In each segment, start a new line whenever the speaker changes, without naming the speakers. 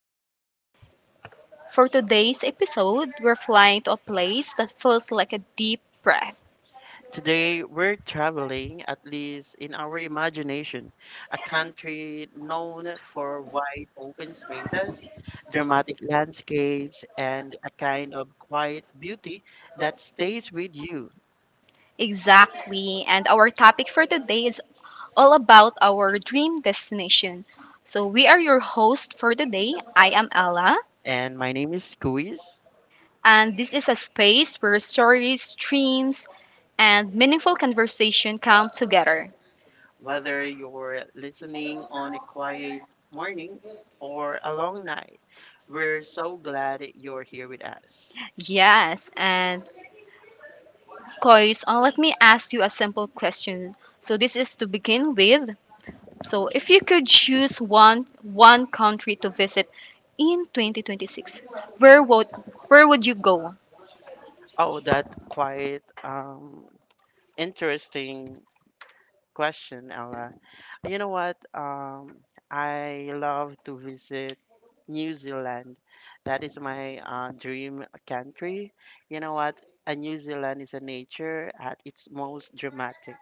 pod. For today's episode, we're flying to a place that feels like a deep breath.
Today, we're traveling, at least in our imagination, a country known for wide open spaces, dramatic landscapes, and a kind of quiet beauty that stays with you.
Exactly, and our topic for today is all about our dream destination. So, we are your host for today. I am Ella,
And my name is Squeeze.
and this is a space where stories, dreams, and meaningful conversation come together.
Whether you're listening on a quiet morning or a long night, we're so glad you're here with us.
Yes, and Kois, let me ask you a simple question. So, this is to begin with. So, if you could choose one country to visit in 2026, where would where would you go?
Oh, that quiet, interesting question, Ella. You know what? I love to visit New Zealand. That is my dream country. You know what? And New Zealand is a nature at its most dramatic.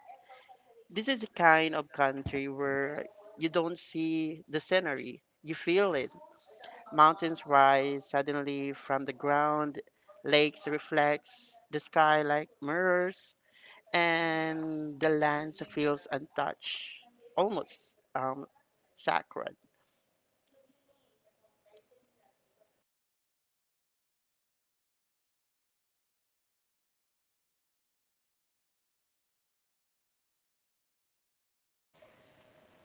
This is a kind of country where you don't see the scenery, you feel it. Mountains rise suddenly from the ground, lakes reflect the sky like mirrors, and the land feels untouched, almost sacred.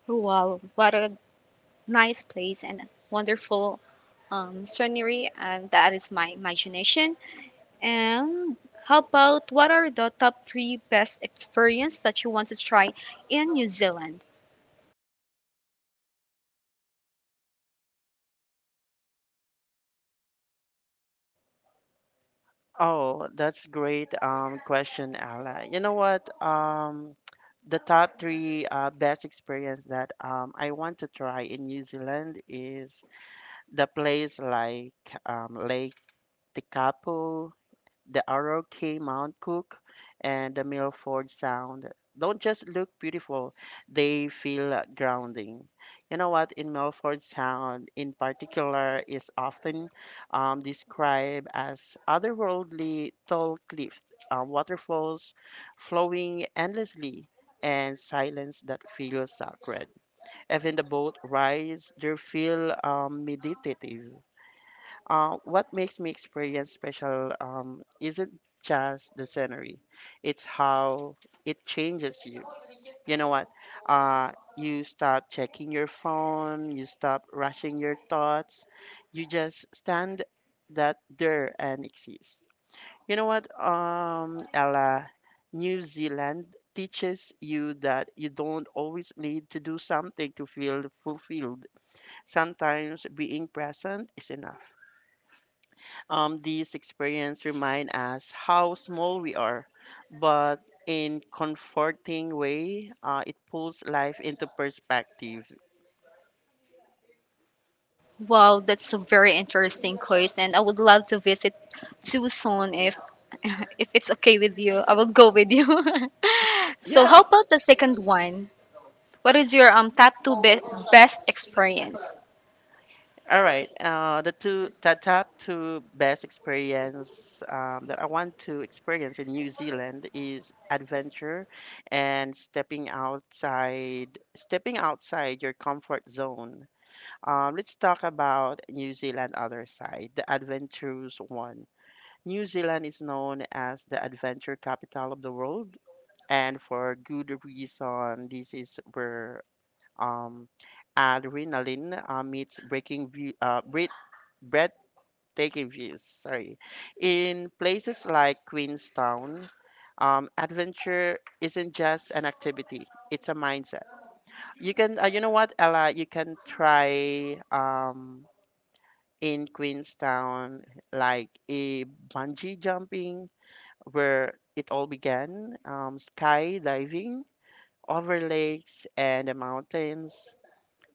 Wow, what a nice place and wonderful scenery, and that is my imagination. And how about what are the top three best experience that you want to try in New Zealand?
Oh, that's great question, Ala. You know what? The top three best experience that I want to try in New Zealand is the place like Lake Tekapo, the Oroki Mount Cook, and the Milford Sound don't just look beautiful, they feel grounding. You know what? In Milford Sound, in particular, is often described as otherworldly tall cliffs, waterfalls flowing endlessly, and silence that feels sacred. Even the boat rides, they feel meditative. What makes me experience special isn't just the scenery, it's how it changes you. You know what? Uh, you stop checking your phone, you stop rushing your thoughts, you just stand that there and exist. Ella, New Zealand teaches you that you don't always need to do something to feel fulfilled. Sometimes being present is enough. These experiences remind us how small we are, but in comforting way, it pulls life into perspective.
Wow, that's a very interesting choice, and I would love to visit Tucson if if it's okay with you. I will go with you. So,
Yes.
how about the second one? What is your best experience?
All right, the top two best experience that I want to experience in New Zealand is adventure and stepping outside your comfort zone. Let's talk about New Zealand other side, the adventurous one. New Zealand is known as the adventure capital of the world, and for good reason. This is where um, adrenaline meets breathtaking views. Sorry, in places like Queenstown, adventure isn't just an activity; it's a mindset. You can, you know what, Ella? You can try in Queenstown, like a bungee jumping where it all began, skydiving over lakes and the mountains,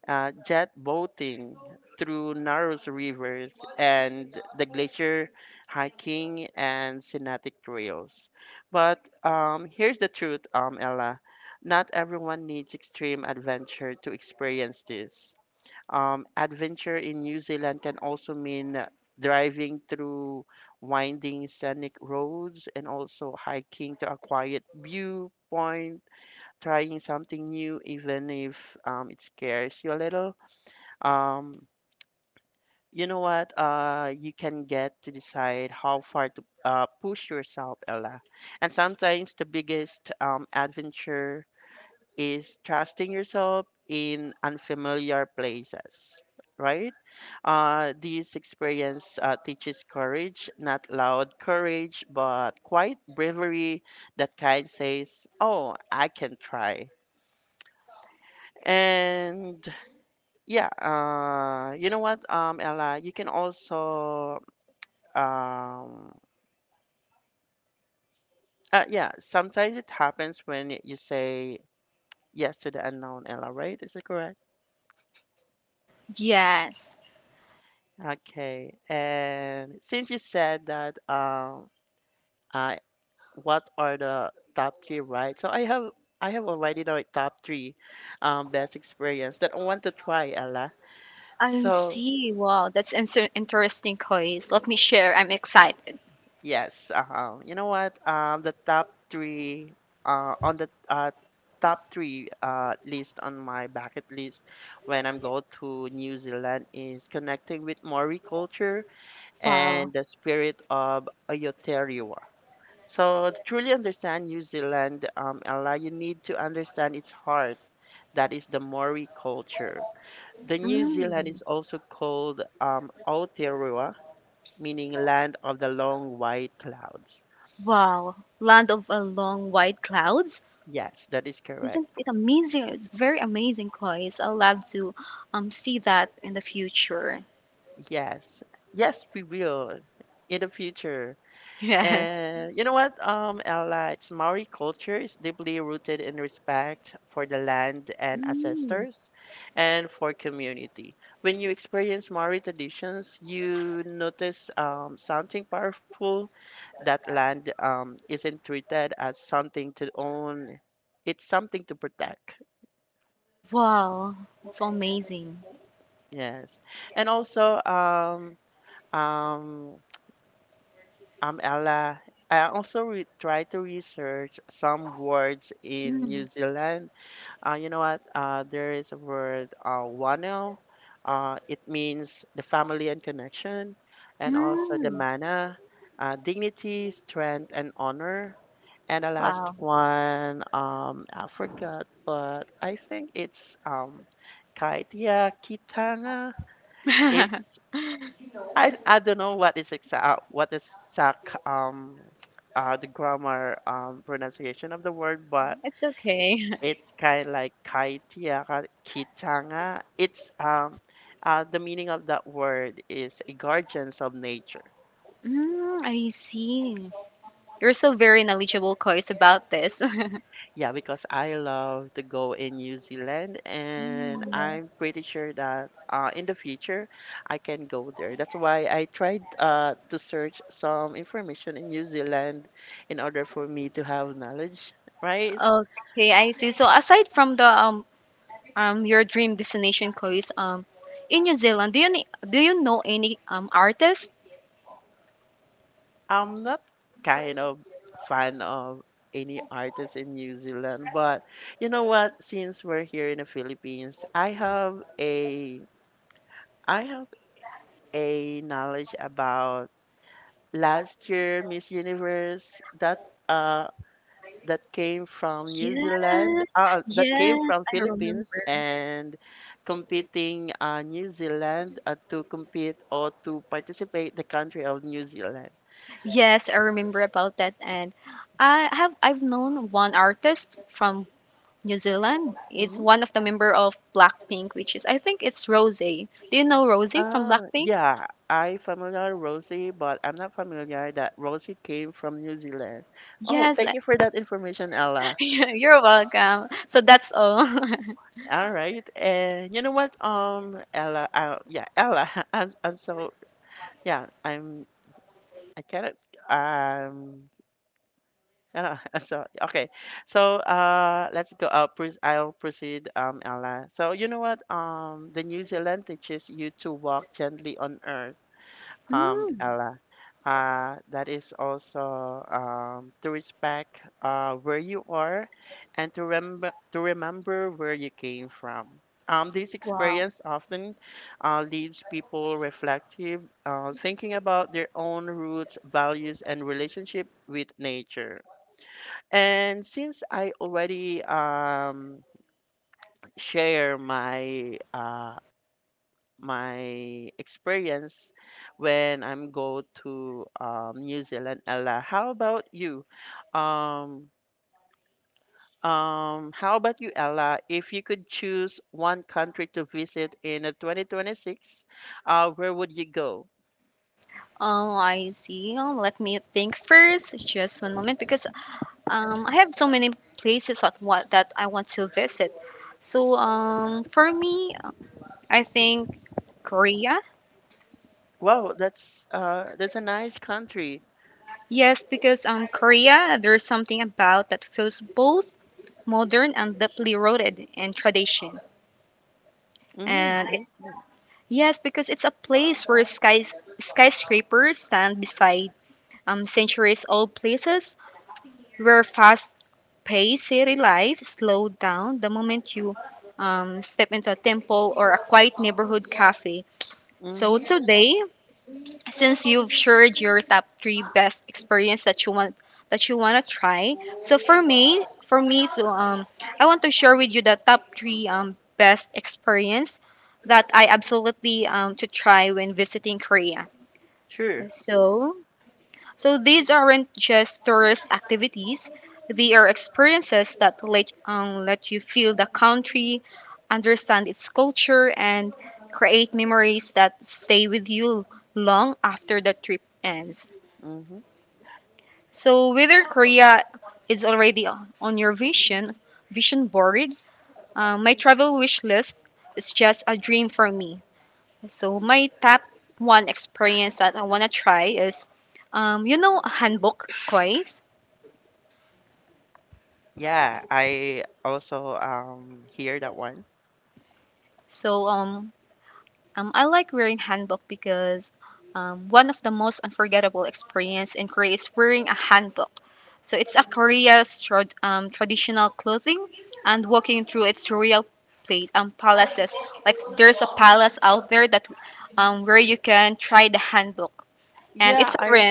jet boating through narrow rivers, and the glacier hiking and scenic trails. But here's the truth, Ella. Not everyone needs extreme adventure to experience this. Adventure in New Zealand can also mean driving through winding scenic roads and also hiking to a quiet viewpoint, trying something new, even if it scares you a little. Um, you know what? You can get to decide how far to push yourself, Ella. And sometimes the biggest adventure is trusting yourself in unfamiliar places, right? This experience teaches courage, not loud courage, but quiet bravery that kind says, oh, I can try. And yeah, Ella, you can also, um, yeah, sometimes it happens when you say yes to the unknown, Ella, right? Is it correct?
Yes,
Okay, and since you said that, I, what are the top three, right? So I have already the top three, best experience that I want to try, Ella.
I
So
see. Wow, that's an interesting choice. Let me share. I'm excited.
yes, you know what? The top three, on the top three list on my bucket list when I'm going to New Zealand is connecting with Maori culture and
Wow.
the spirit of Aotearoa. So to truly understand New Zealand, Ella, you need to understand its heart. That is the Maori culture. The New Zealand
Mm.
is also called Aotearoa, meaning land of the long white clouds.
Wow. Land of a long white clouds.
Yes, that is correct.
Isn't it amazing? It's very amazing, guys. I'd love to see that in the future.
Yes, yes, we will in the future.
Yes.
And you know what? Ella, it's Maori culture is deeply rooted in respect for the land and ancestors and for community. When you experience Maori traditions, you notice something powerful that land isn't treated as something to own, it's something to protect.
Wow, it's so amazing.
Yes. And also, um, Ella, I also try to research some words in New
Mm.
Zealand. You know what? There is a word, wano. It means the family and connection, and also the
Mm.
mana, dignity, strength, and honor. And the last
Wow.
one, I forgot, but I think it's Kaitia Kitanga. I don't know what is exact the grammar pronunciation of the word, but
It's okay.
it's kind of like kaitiara kitanga. It's The meaning of that word is a guardians of nature.
Mm, I see. You're so very knowledgeable, guys, about this.
Yeah, because I love to go in New Zealand, and
Mm.
I'm pretty sure that in the future I can go there. That's why I tried to search some information in New Zealand in order for me to have knowledge, right?
Okay, I see. So aside from the your dream destination, Kois, in New Zealand, do you do you know any artists?
I'm not kind of fan of any artist in New Zealand, but you know what? Since we're here in the Philippines, I have a knowledge about last year Miss Universe that uh that came from
Yes,
New Zealand, that came
yes,
from
I remember.
Philippines and competing, New Zealand, to compete or to participate the country of New Zealand.
Yes, I remember about that. And I've known one artist from New Zealand. It's
Mm-hmm.
one of the member of Blackpink, which is I think it's Rose. Do you know Rose from Blackpink?
Yeah, I familiar Rosie, but I'm not familiar that Rosie came from New Zealand. Oh,
Yes, I-
thank you for that information, Ella.
You're welcome. So that's all.
All right, and you know what, Ella, yeah, Ella, I'm so, yeah, I cannot. Um. So okay. So let's go. I'll proceed. Ella. So you know what? The New Zealand teaches you to walk gently on earth.
Mm.
Ella, that is also to respect where you are and to remember where you came from. This experience often leaves people reflective, thinking about their own roots, values, and relationship with nature. And since I already share my my experience when I'm go to New Zealand. Ella, how about you? Um, how about you, Ella? If you could choose one country to visit in 2026, where would you go?
Oh, I see. Oh, let me think first. Just one moment, because I have so many places that what that I want to visit. So for me, I think Korea.
Wow, that's a nice country.
Yes, because Korea, there's something about that feels both modern and deeply rooted in tradition.
Mm,
And it-
Iceland.
yes, because it's a place where skyscrapers stand beside centuries-old places, where fast-paced city life slowed down the moment you step into a temple or a quiet neighborhood cafe. So
Mm-hmm.
today, since you've shared your top three best experience that you want to try, so for me, so I want to share with you the top three best experience that I absolutely to try when visiting Korea.
Sure.
So so these aren't just tourist activities, they are experiences that let you feel the country, understand its culture, and create memories that stay with you long after the trip ends.
Mm-hmm.
So whether Korea is already on your vision board, my travel wish list is just a dream for me. So my top one experience that I want to try is, you know, hanbok twice.
Yeah, I also hear that one.
So I like wearing hanbok because one of the most unforgettable experience in Korea is wearing a hanbok. So it's a Korea's traditional clothing and walking through its royal place palaces. Like there's a palace out there that where you can try the hanbok, and
Yeah,
it's a
I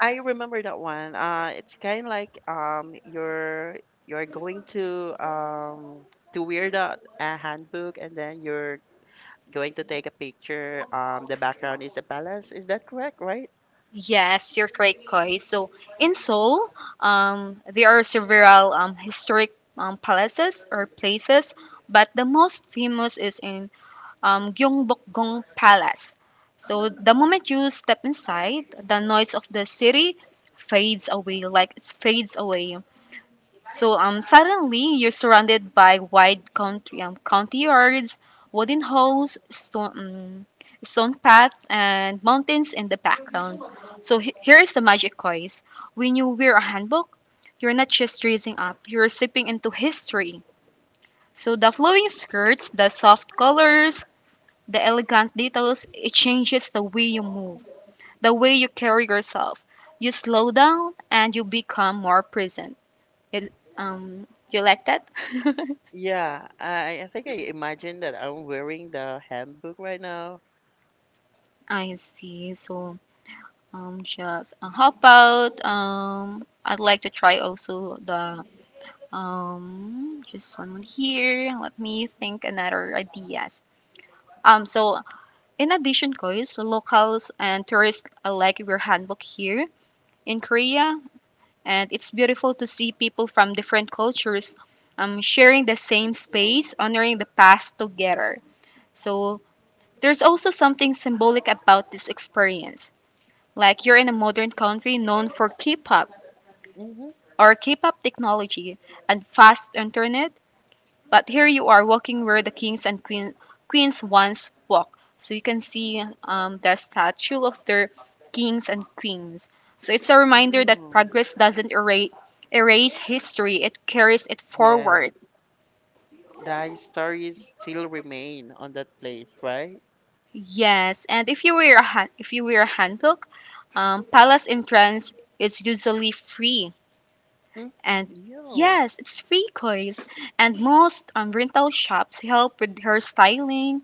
I remember that one. It's kind of like you're going to wear the handbook, and then you're going to take a picture. The background is a palace. Is that correct? Right?
Yes, you're correct, Koi. So in Seoul, there are several historic palaces or places, but the most famous is in Gyeongbokgung Palace. So the moment you step inside, the noise of the city like it fades away. So suddenly you're surrounded by wide country county yards, wooden halls, stone path, and mountains in the background. So here is the magic choice. When you wear a handbook, you're not just dressing up; you're slipping into history. So the flowing skirts, the soft colors, the elegant details, it changes the way you move, the way you carry yourself. You slow down and you become more present. It um you like that?
Yeah. I think I imagine that I'm wearing the handbook right now.
I see. So just how about I'd like to try also the just one more here. Let me think another ideas. Um so in addition, guys, locals and tourists alike wear hanbok here in Korea, and it's beautiful to see people from different cultures sharing the same space, honoring the past together. So there's also something symbolic about this experience. Like you're in a modern country known for K-pop
Mm-hmm.
or K-pop technology and fast internet, but here you are walking where the kings and queen, queens once walked. So you can see the statue of their kings and queens. So it's a reminder that
Oh,
progress doesn't erase, erase history; it carries it
yeah.
forward.
The stories still remain on that place, right?
Yes, and if you wear a han- if you wear a hanbok, palace entrance is usually free,
Mm?
and
Yo.
yes, it's free, guys. And most rental shops help with hairstyling,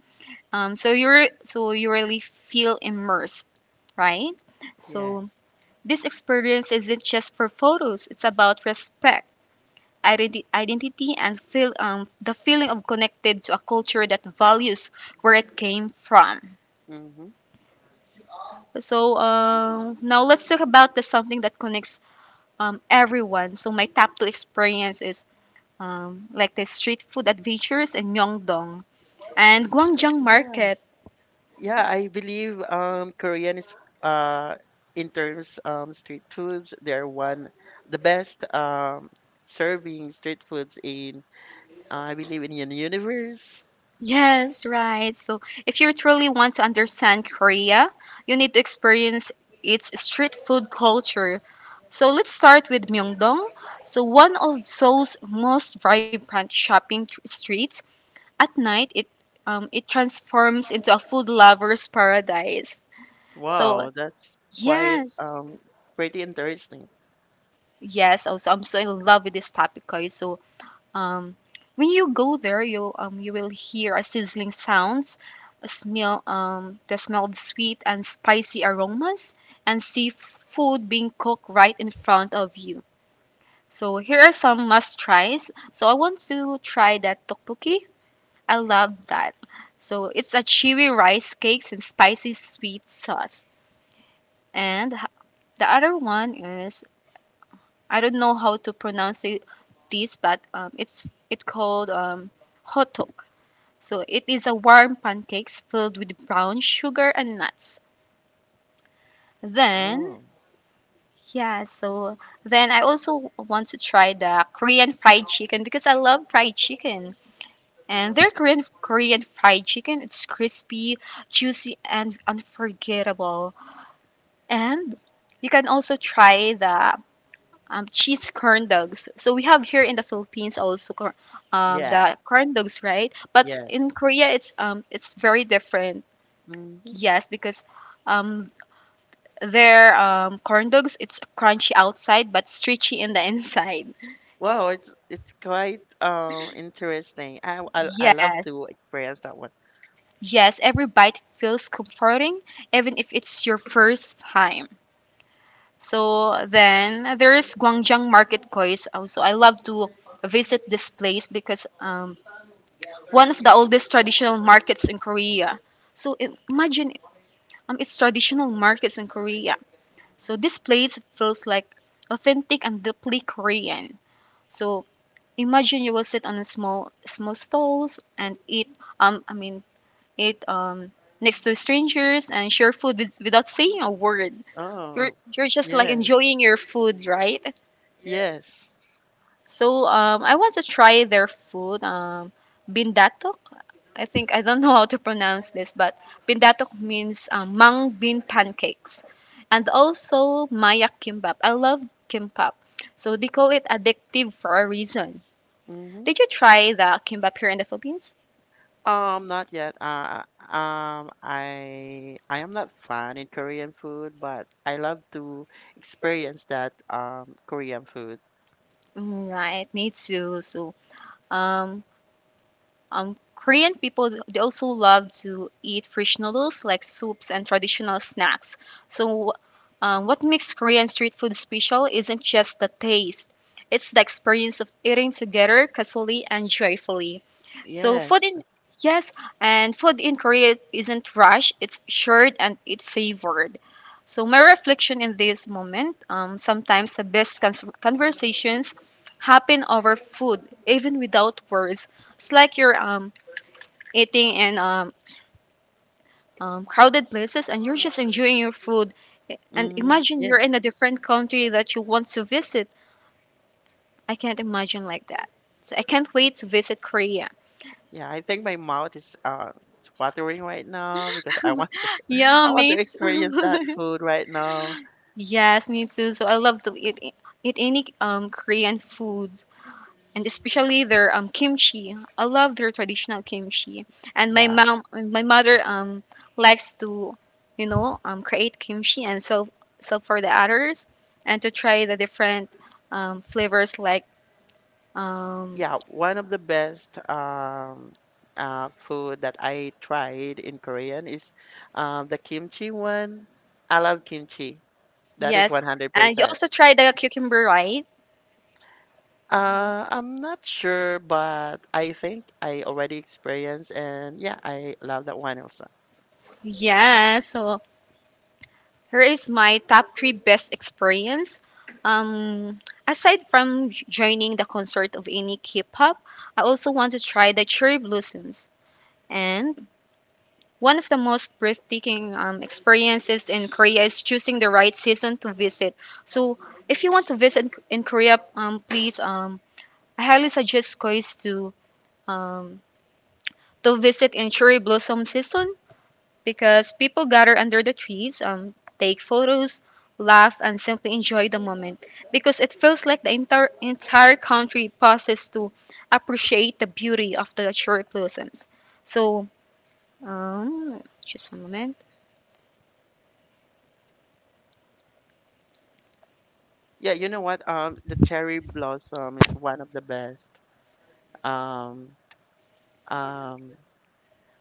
so you really feel immersed, right?
Yes.
So this experience isn't just for photos; it's about respect, identity, and feel the feeling of connected to a culture that values where it came from.
Mm-hmm.
So now let's talk about the something that connects everyone. So my top two experience is like the street food adventures in Myeongdong and Gwangjang Market.
Yeah, I believe Korean is uh in terms street foods, they're one the best serving street foods in, I believe, in the universe.
Yes, right. So if you truly want to understand Korea, you need to experience its street food culture. So let's start with Myeongdong. So one of Seoul's most vibrant streets. At night, it transforms into a food lover's paradise. So
Wow, that's quite
yes,
pretty interesting.
yes. Also, I'm so in love with this topic, guys. So um, when you go there, you will hear a sizzling sounds, a smell the smell of sweet and spicy aromas, and see food being cooked right in front of you. So here are some must tries. So I want to try that tteokbokki. I love that. So it's a chewy rice cakes and spicy sweet sauce. And the other one is I don't know how to pronounce it, this, but it's it called hotok. So it is a warm pancakes filled with brown sugar and nuts. Then
Oh,
yeah, so then I also want to try the Korean fried chicken because I love fried chicken. And their Korean fried chicken, it's crispy, juicy, and unforgettable. And you can also try the cheese corn dogs. So we have here in the Philippines also Yeah.
yeah,
The corn dogs, right? But
yeah.
Yeah. In Korea, it's very different.
Hmm.
Yes, because um, their corn dogs it's crunchy outside but stretchy in the inside.
Wow, it's quite interesting. I love
Yes,
to experience that one.
yes. Every bite feels comforting, even if it's your first time. So then there is Gwangjang Market, Koi. Also, I love to visit this place because one of the oldest traditional markets in Korea. So imagine it's traditional markets in Korea. So this place feels like authentic and deeply Korean. So imagine you will sit on a small stalls and eat um I mean eat next to strangers and share food with, without saying a word. You're
Oh,
you're just
yeah,
like enjoying your food, right?
yes.
So I want to try their food bindato, I think I don't know how to pronounce this, but pindatok means mung bean pancakes, and also maya kimbap. I love kimbap, so they call it addictive for a reason.
Mm-hmm.
Did you try the kimbap here in the Philippines?
Not yet. I am not fan in Korean food, but I love to experience that Korean food.
Mm, right, me too. So, um, Korean people they also love to eat fresh noodles like soups and traditional snacks. So, what makes Korean street food special isn't just the taste; it's the experience of eating together, casually and joyfully. So,
Yes.
food in yes, and food in Korea isn't rushed; it's shared and it's savored. So, my reflection in this moment: sometimes the best conversations happen over food, even without words. It's like you're eating in crowded places and you're just enjoying your food. And
Mm,
imagine
yeah.
you're in a different country that you want to visit. I can't imagine like that. So I can't wait to visit Korea.
Yeah. I think my mouth is it's watering right now because I want to I
Yeah,
want to
mates.
experience that food right now.
Yes, me too. So I love to eat any Korean food, and especially their kimchi. I love their traditional kimchi, and
Yeah.
my mother likes to, you know, create kimchi and sell for the others, and to try the different flavors like um
Yeah. One of the best food that I tried in Korean is the kimchi one. I love kimchi. That is
yes, and you
100%.
also try the cucumber, right?
I'm not sure, but I think I already experienced, and yeah, I love that one also.
Yeah, so here is my top three best experience. Um, aside from joining the concert of any K-pop, I also want to try the cherry blossoms and one of the most breathtaking experiences in Korea is choosing the right season to visit. So, if you want to visit in Korea, please, I highly suggest guys um, to visit in cherry blossom season because people gather under the trees, take photos, laugh, and simply enjoy the moment. Because it feels like the entire country pauses to appreciate the beauty of the cherry blossoms. So, just one moment.
Yeah, you know what? The cherry blossom is one of the best. Um, um,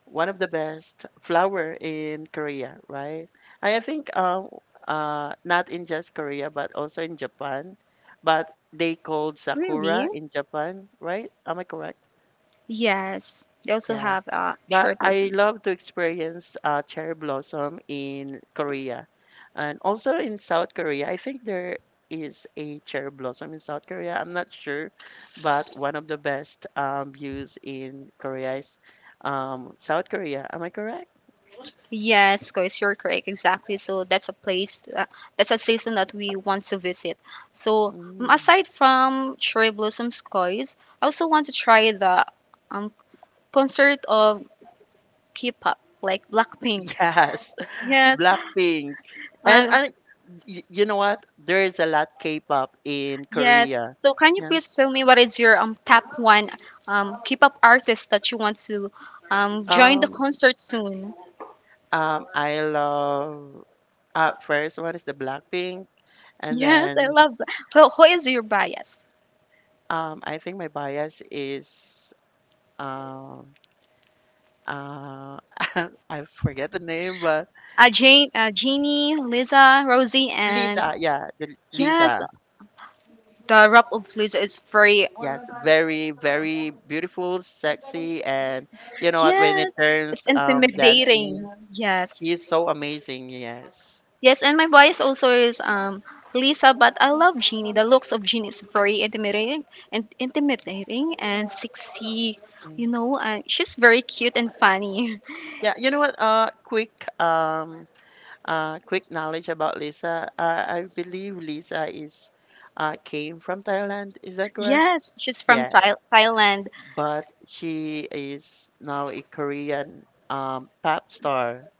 One of the best flower in Korea, right? I think not in just Korea, but also in Japan, but they called
Really?
sakura in Japan, right? Am I correct?
Yes. They also
Yeah.
have
But
short
I
lessons.
love to experience cherry blossom in Korea. And also in South Korea, I think there is a cherry blossom in South Korea. I'm not sure, but one of the best views in Korea is South Korea. Am I correct?
Yes, guys, you're correct. Exactly. So that's a place, that's a season that we want to visit. So,
Mm.
aside from cherry blossoms, guys, I also want to try the um, concert of K-pop, like Blackpink.
Yes,
Yes.
Blackpink. And
Uh,
I, you know what? There is a lot K-pop in
yes.
Korea.
So can you
Yeah.
please tell me what is your top one K-pop artist that you want to join the
Um,
concert soon?
I love, first what is the Blackpink, and
Yes, I
then
love that. Who is your bias?
I think my bias is um, uh, I forget the name, but
Jane, Jeannie, Lisa, Rosie, and
Lisa. Yeah, the
yes,
Lisa.
the rap of Lisa is very
Yes, very very beautiful, sexy, and you know what? When it
yes, it's
turns dancing,
intimidating. Yes,
she's so amazing. Yes.
yes, and my bias also is Lisa, but I love Jeannie. The looks of Jeannie is very intimidating and intimidating and sexy. You
Mm.
know, she's very cute and funny.
Yeah, you know what? Um Quick knowledge about Lisa. I believe Lisa is came from Thailand. Is that correct?
Yes, she's from
Yeah,
Thailand.
but she is now a Korean pop star.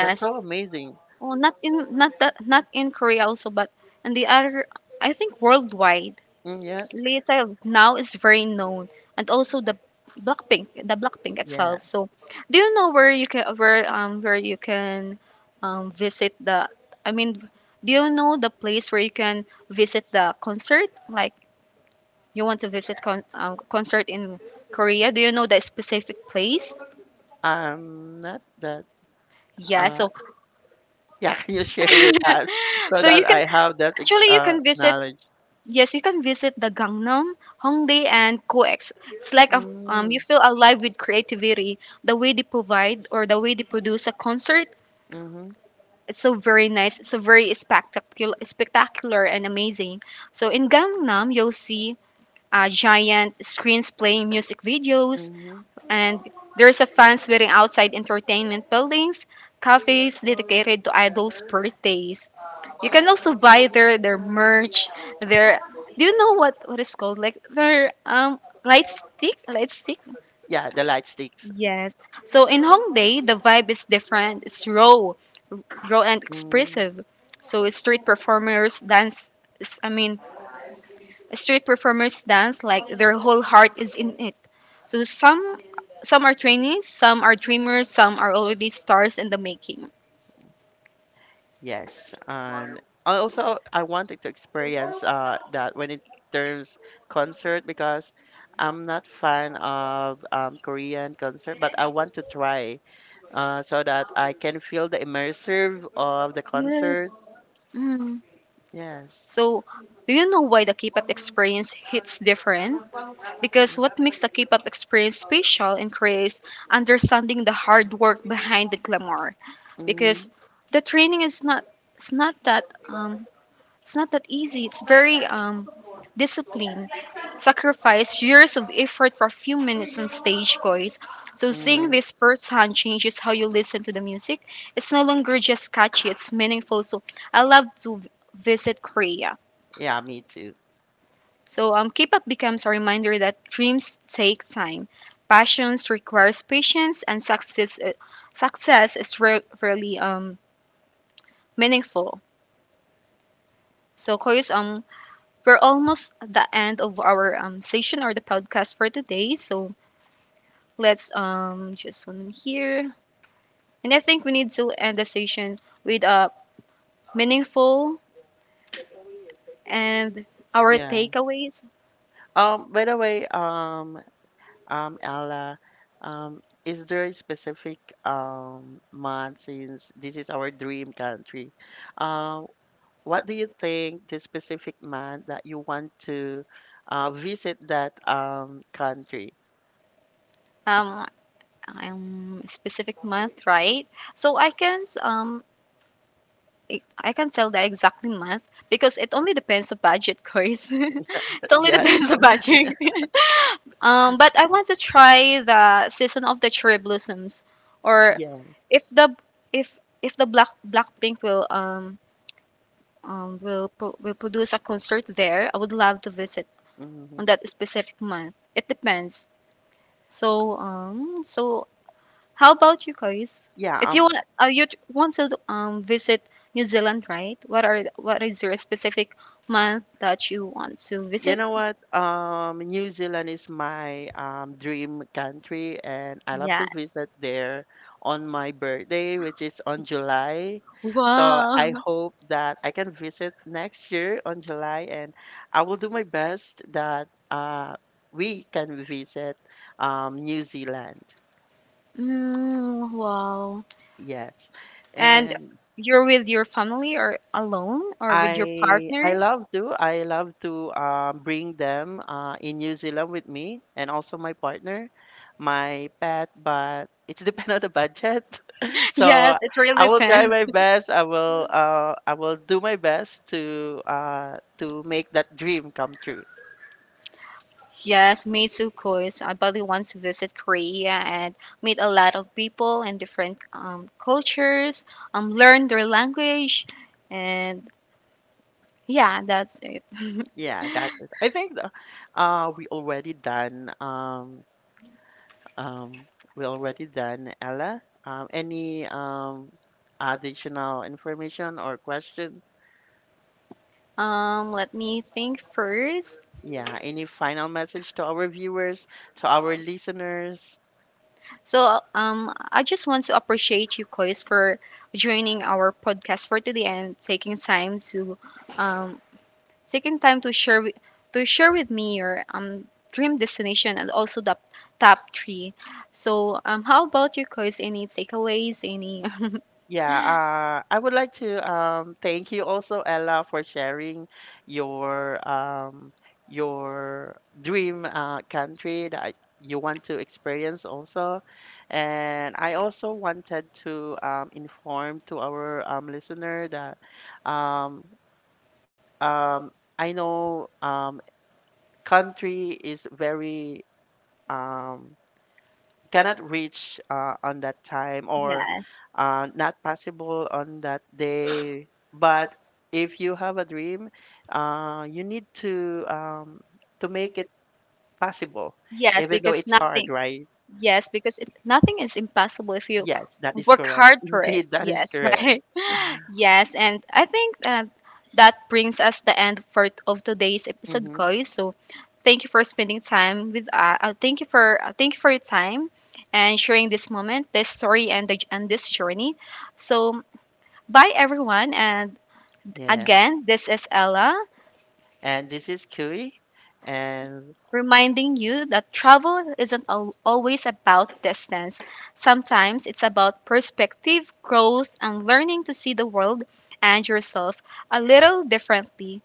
That's so amazing.
Oh, not in Korea also, but and the other, I think worldwide,
Mm, yes.
Little now is very known, and also the Blackpink
Yeah.
itself. So, do you know where you can visit the? I mean, do you know the place where you can visit the concert? Like you want to visit concert in Korea? Do you know the specific place?
Not that.
Yeah.
Uh.
So
Yeah. Can you share with us so
so
that
you can
I have that ex-
actually you
uh
can visit.
knowledge?
Yes, you can visit the Gangnam, Hongdae, and COEX. It's like a, you
Mm,
feel alive with creativity. The way they provide or the way they produce a concert,
mm-hmm.
it's so very nice. It's so very spectacular and amazing. So in Gangnam, you'll see giant screens playing music videos,
Mm-hmm.
and there's a fans waiting outside entertainment buildings, cafes dedicated to idols' birthdays. You can also buy their merch, their do you know what is called like their light stick.
Yeah. The light sticks.
Yes. So in Hongdae, the vibe is different. It's raw, raw and
Mm.
expressive. So it's street performers dance. is- I mean, street performers dance like their whole heart is in it. So some are trainees, some are dreamers, some are already stars in the making.
Yes, and I wanted to experience that when it turns concert because I'm not fan of Korean concert, but I want to try so that I can feel the immersive of the concert.
Yes.
Yes.
So, do you know why the K-pop experience hits different? Because what makes the K-pop experience special and creates understanding the hard work behind the glamour.
Mm-hmm.
Because the training is not it's not that it's not that easy. It's very discipline, sacrifice, years of effort for a few minutes on stage, guys. So seeing
Mm-hmm.
this firsthand changes how you listen to the music. It's no longer just catchy; it's meaningful. So I love to visit Korea.
Yeah, me too.
So keep up becomes a reminder that dreams take time, passions requires patience, and success success is really meaningful. So Koyos, we're almost at the end of our session or the podcast for today. So let's just one here, and I think we need to end the session with a meaningful and our
Yeah.
takeaways.
By the way, Ella, is there a specific month since this is our dream country? Um, what do you think the specific month that you want to visit that country?
Um, specific month, right? So I can I can't tell the exact month because it only depends on budget, guys. It only
Yes.
depends on budget. But I want to try the season of the cherry blossoms, or
Yeah.
if the if the Blackpink will will produce a concert there, I would love to visit
Hmm.
on that specific month. It depends. So so how about you, Chris?
Yeah.
If you want, are you want to visit New Zealand, right? What is your specific month that you want to
You
visit?
know what? New Zealand is my dream country, and I love to
Yes.
visit there on my birthday, which is on July. So I
Wow.
hope that I can visit next year on July, and I will do my best that we can visit New Zealand.
Mm, wow.
Yes.
And
And
you're with your family or alone or with your
I
partner?
I love to I love to bring them in New Zealand with me and also my partner, my pet. But it's depend on the budget.
Yes,
So
it really
I will try
depends.
my best. I will do my best to make that dream come true.
Yes, me too, course. I probably want to visit Korea and meet a lot of people and different cultures, learn their language, and yeah, that's it.
Yeah, that's it. I think the, uh, we already done um, um, we already done Ella. Any additional information or question?
Let me think first.
Yeah, any final message to our viewers, to our listeners?
So I just want to appreciate you, Kois, for joining our podcast for today and taking time to um, taking time to share wi- to share with me your dream destination and also the top three. So how about you guys? Any takeaways? Any
Yeah, I would like to thank you also, Ella, for sharing your um, your dream country that you want to experience also. And I also wanted to inform to our listener that um, um, I know country is very um, cannot reach on that time or
yes,
not possible on that day. But if you have a dream, you need to make it possible,
yes,
even though
because
it's hard,
nothing.
right?
Yes, because it, nothing is impossible if you
Yes, that is
work
correct.
hard for it.
Indeed, that is
Yes,
correct.
right. Yes, and I think that that brings us the end for of today's episode,
Hmm.
guys. So, thank you for spending time with us. Thank you for your time and sharing this moment, this story, and this journey. So, bye everyone, and
Yeah.
again, this is Ella
And this is Kui, and
reminding you that travel isn't al- always about distance. Sometimes it's about perspective, growth, and learning to see the world and yourself a little differently.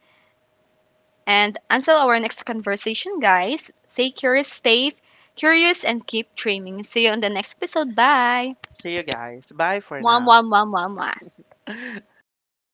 And until our next conversation, guys, stay curious, and keep dreaming. See you on the next episode. Bye.
see you guys. Bye for
Mwah,
now.
mwah, mwah, mwah, mwah.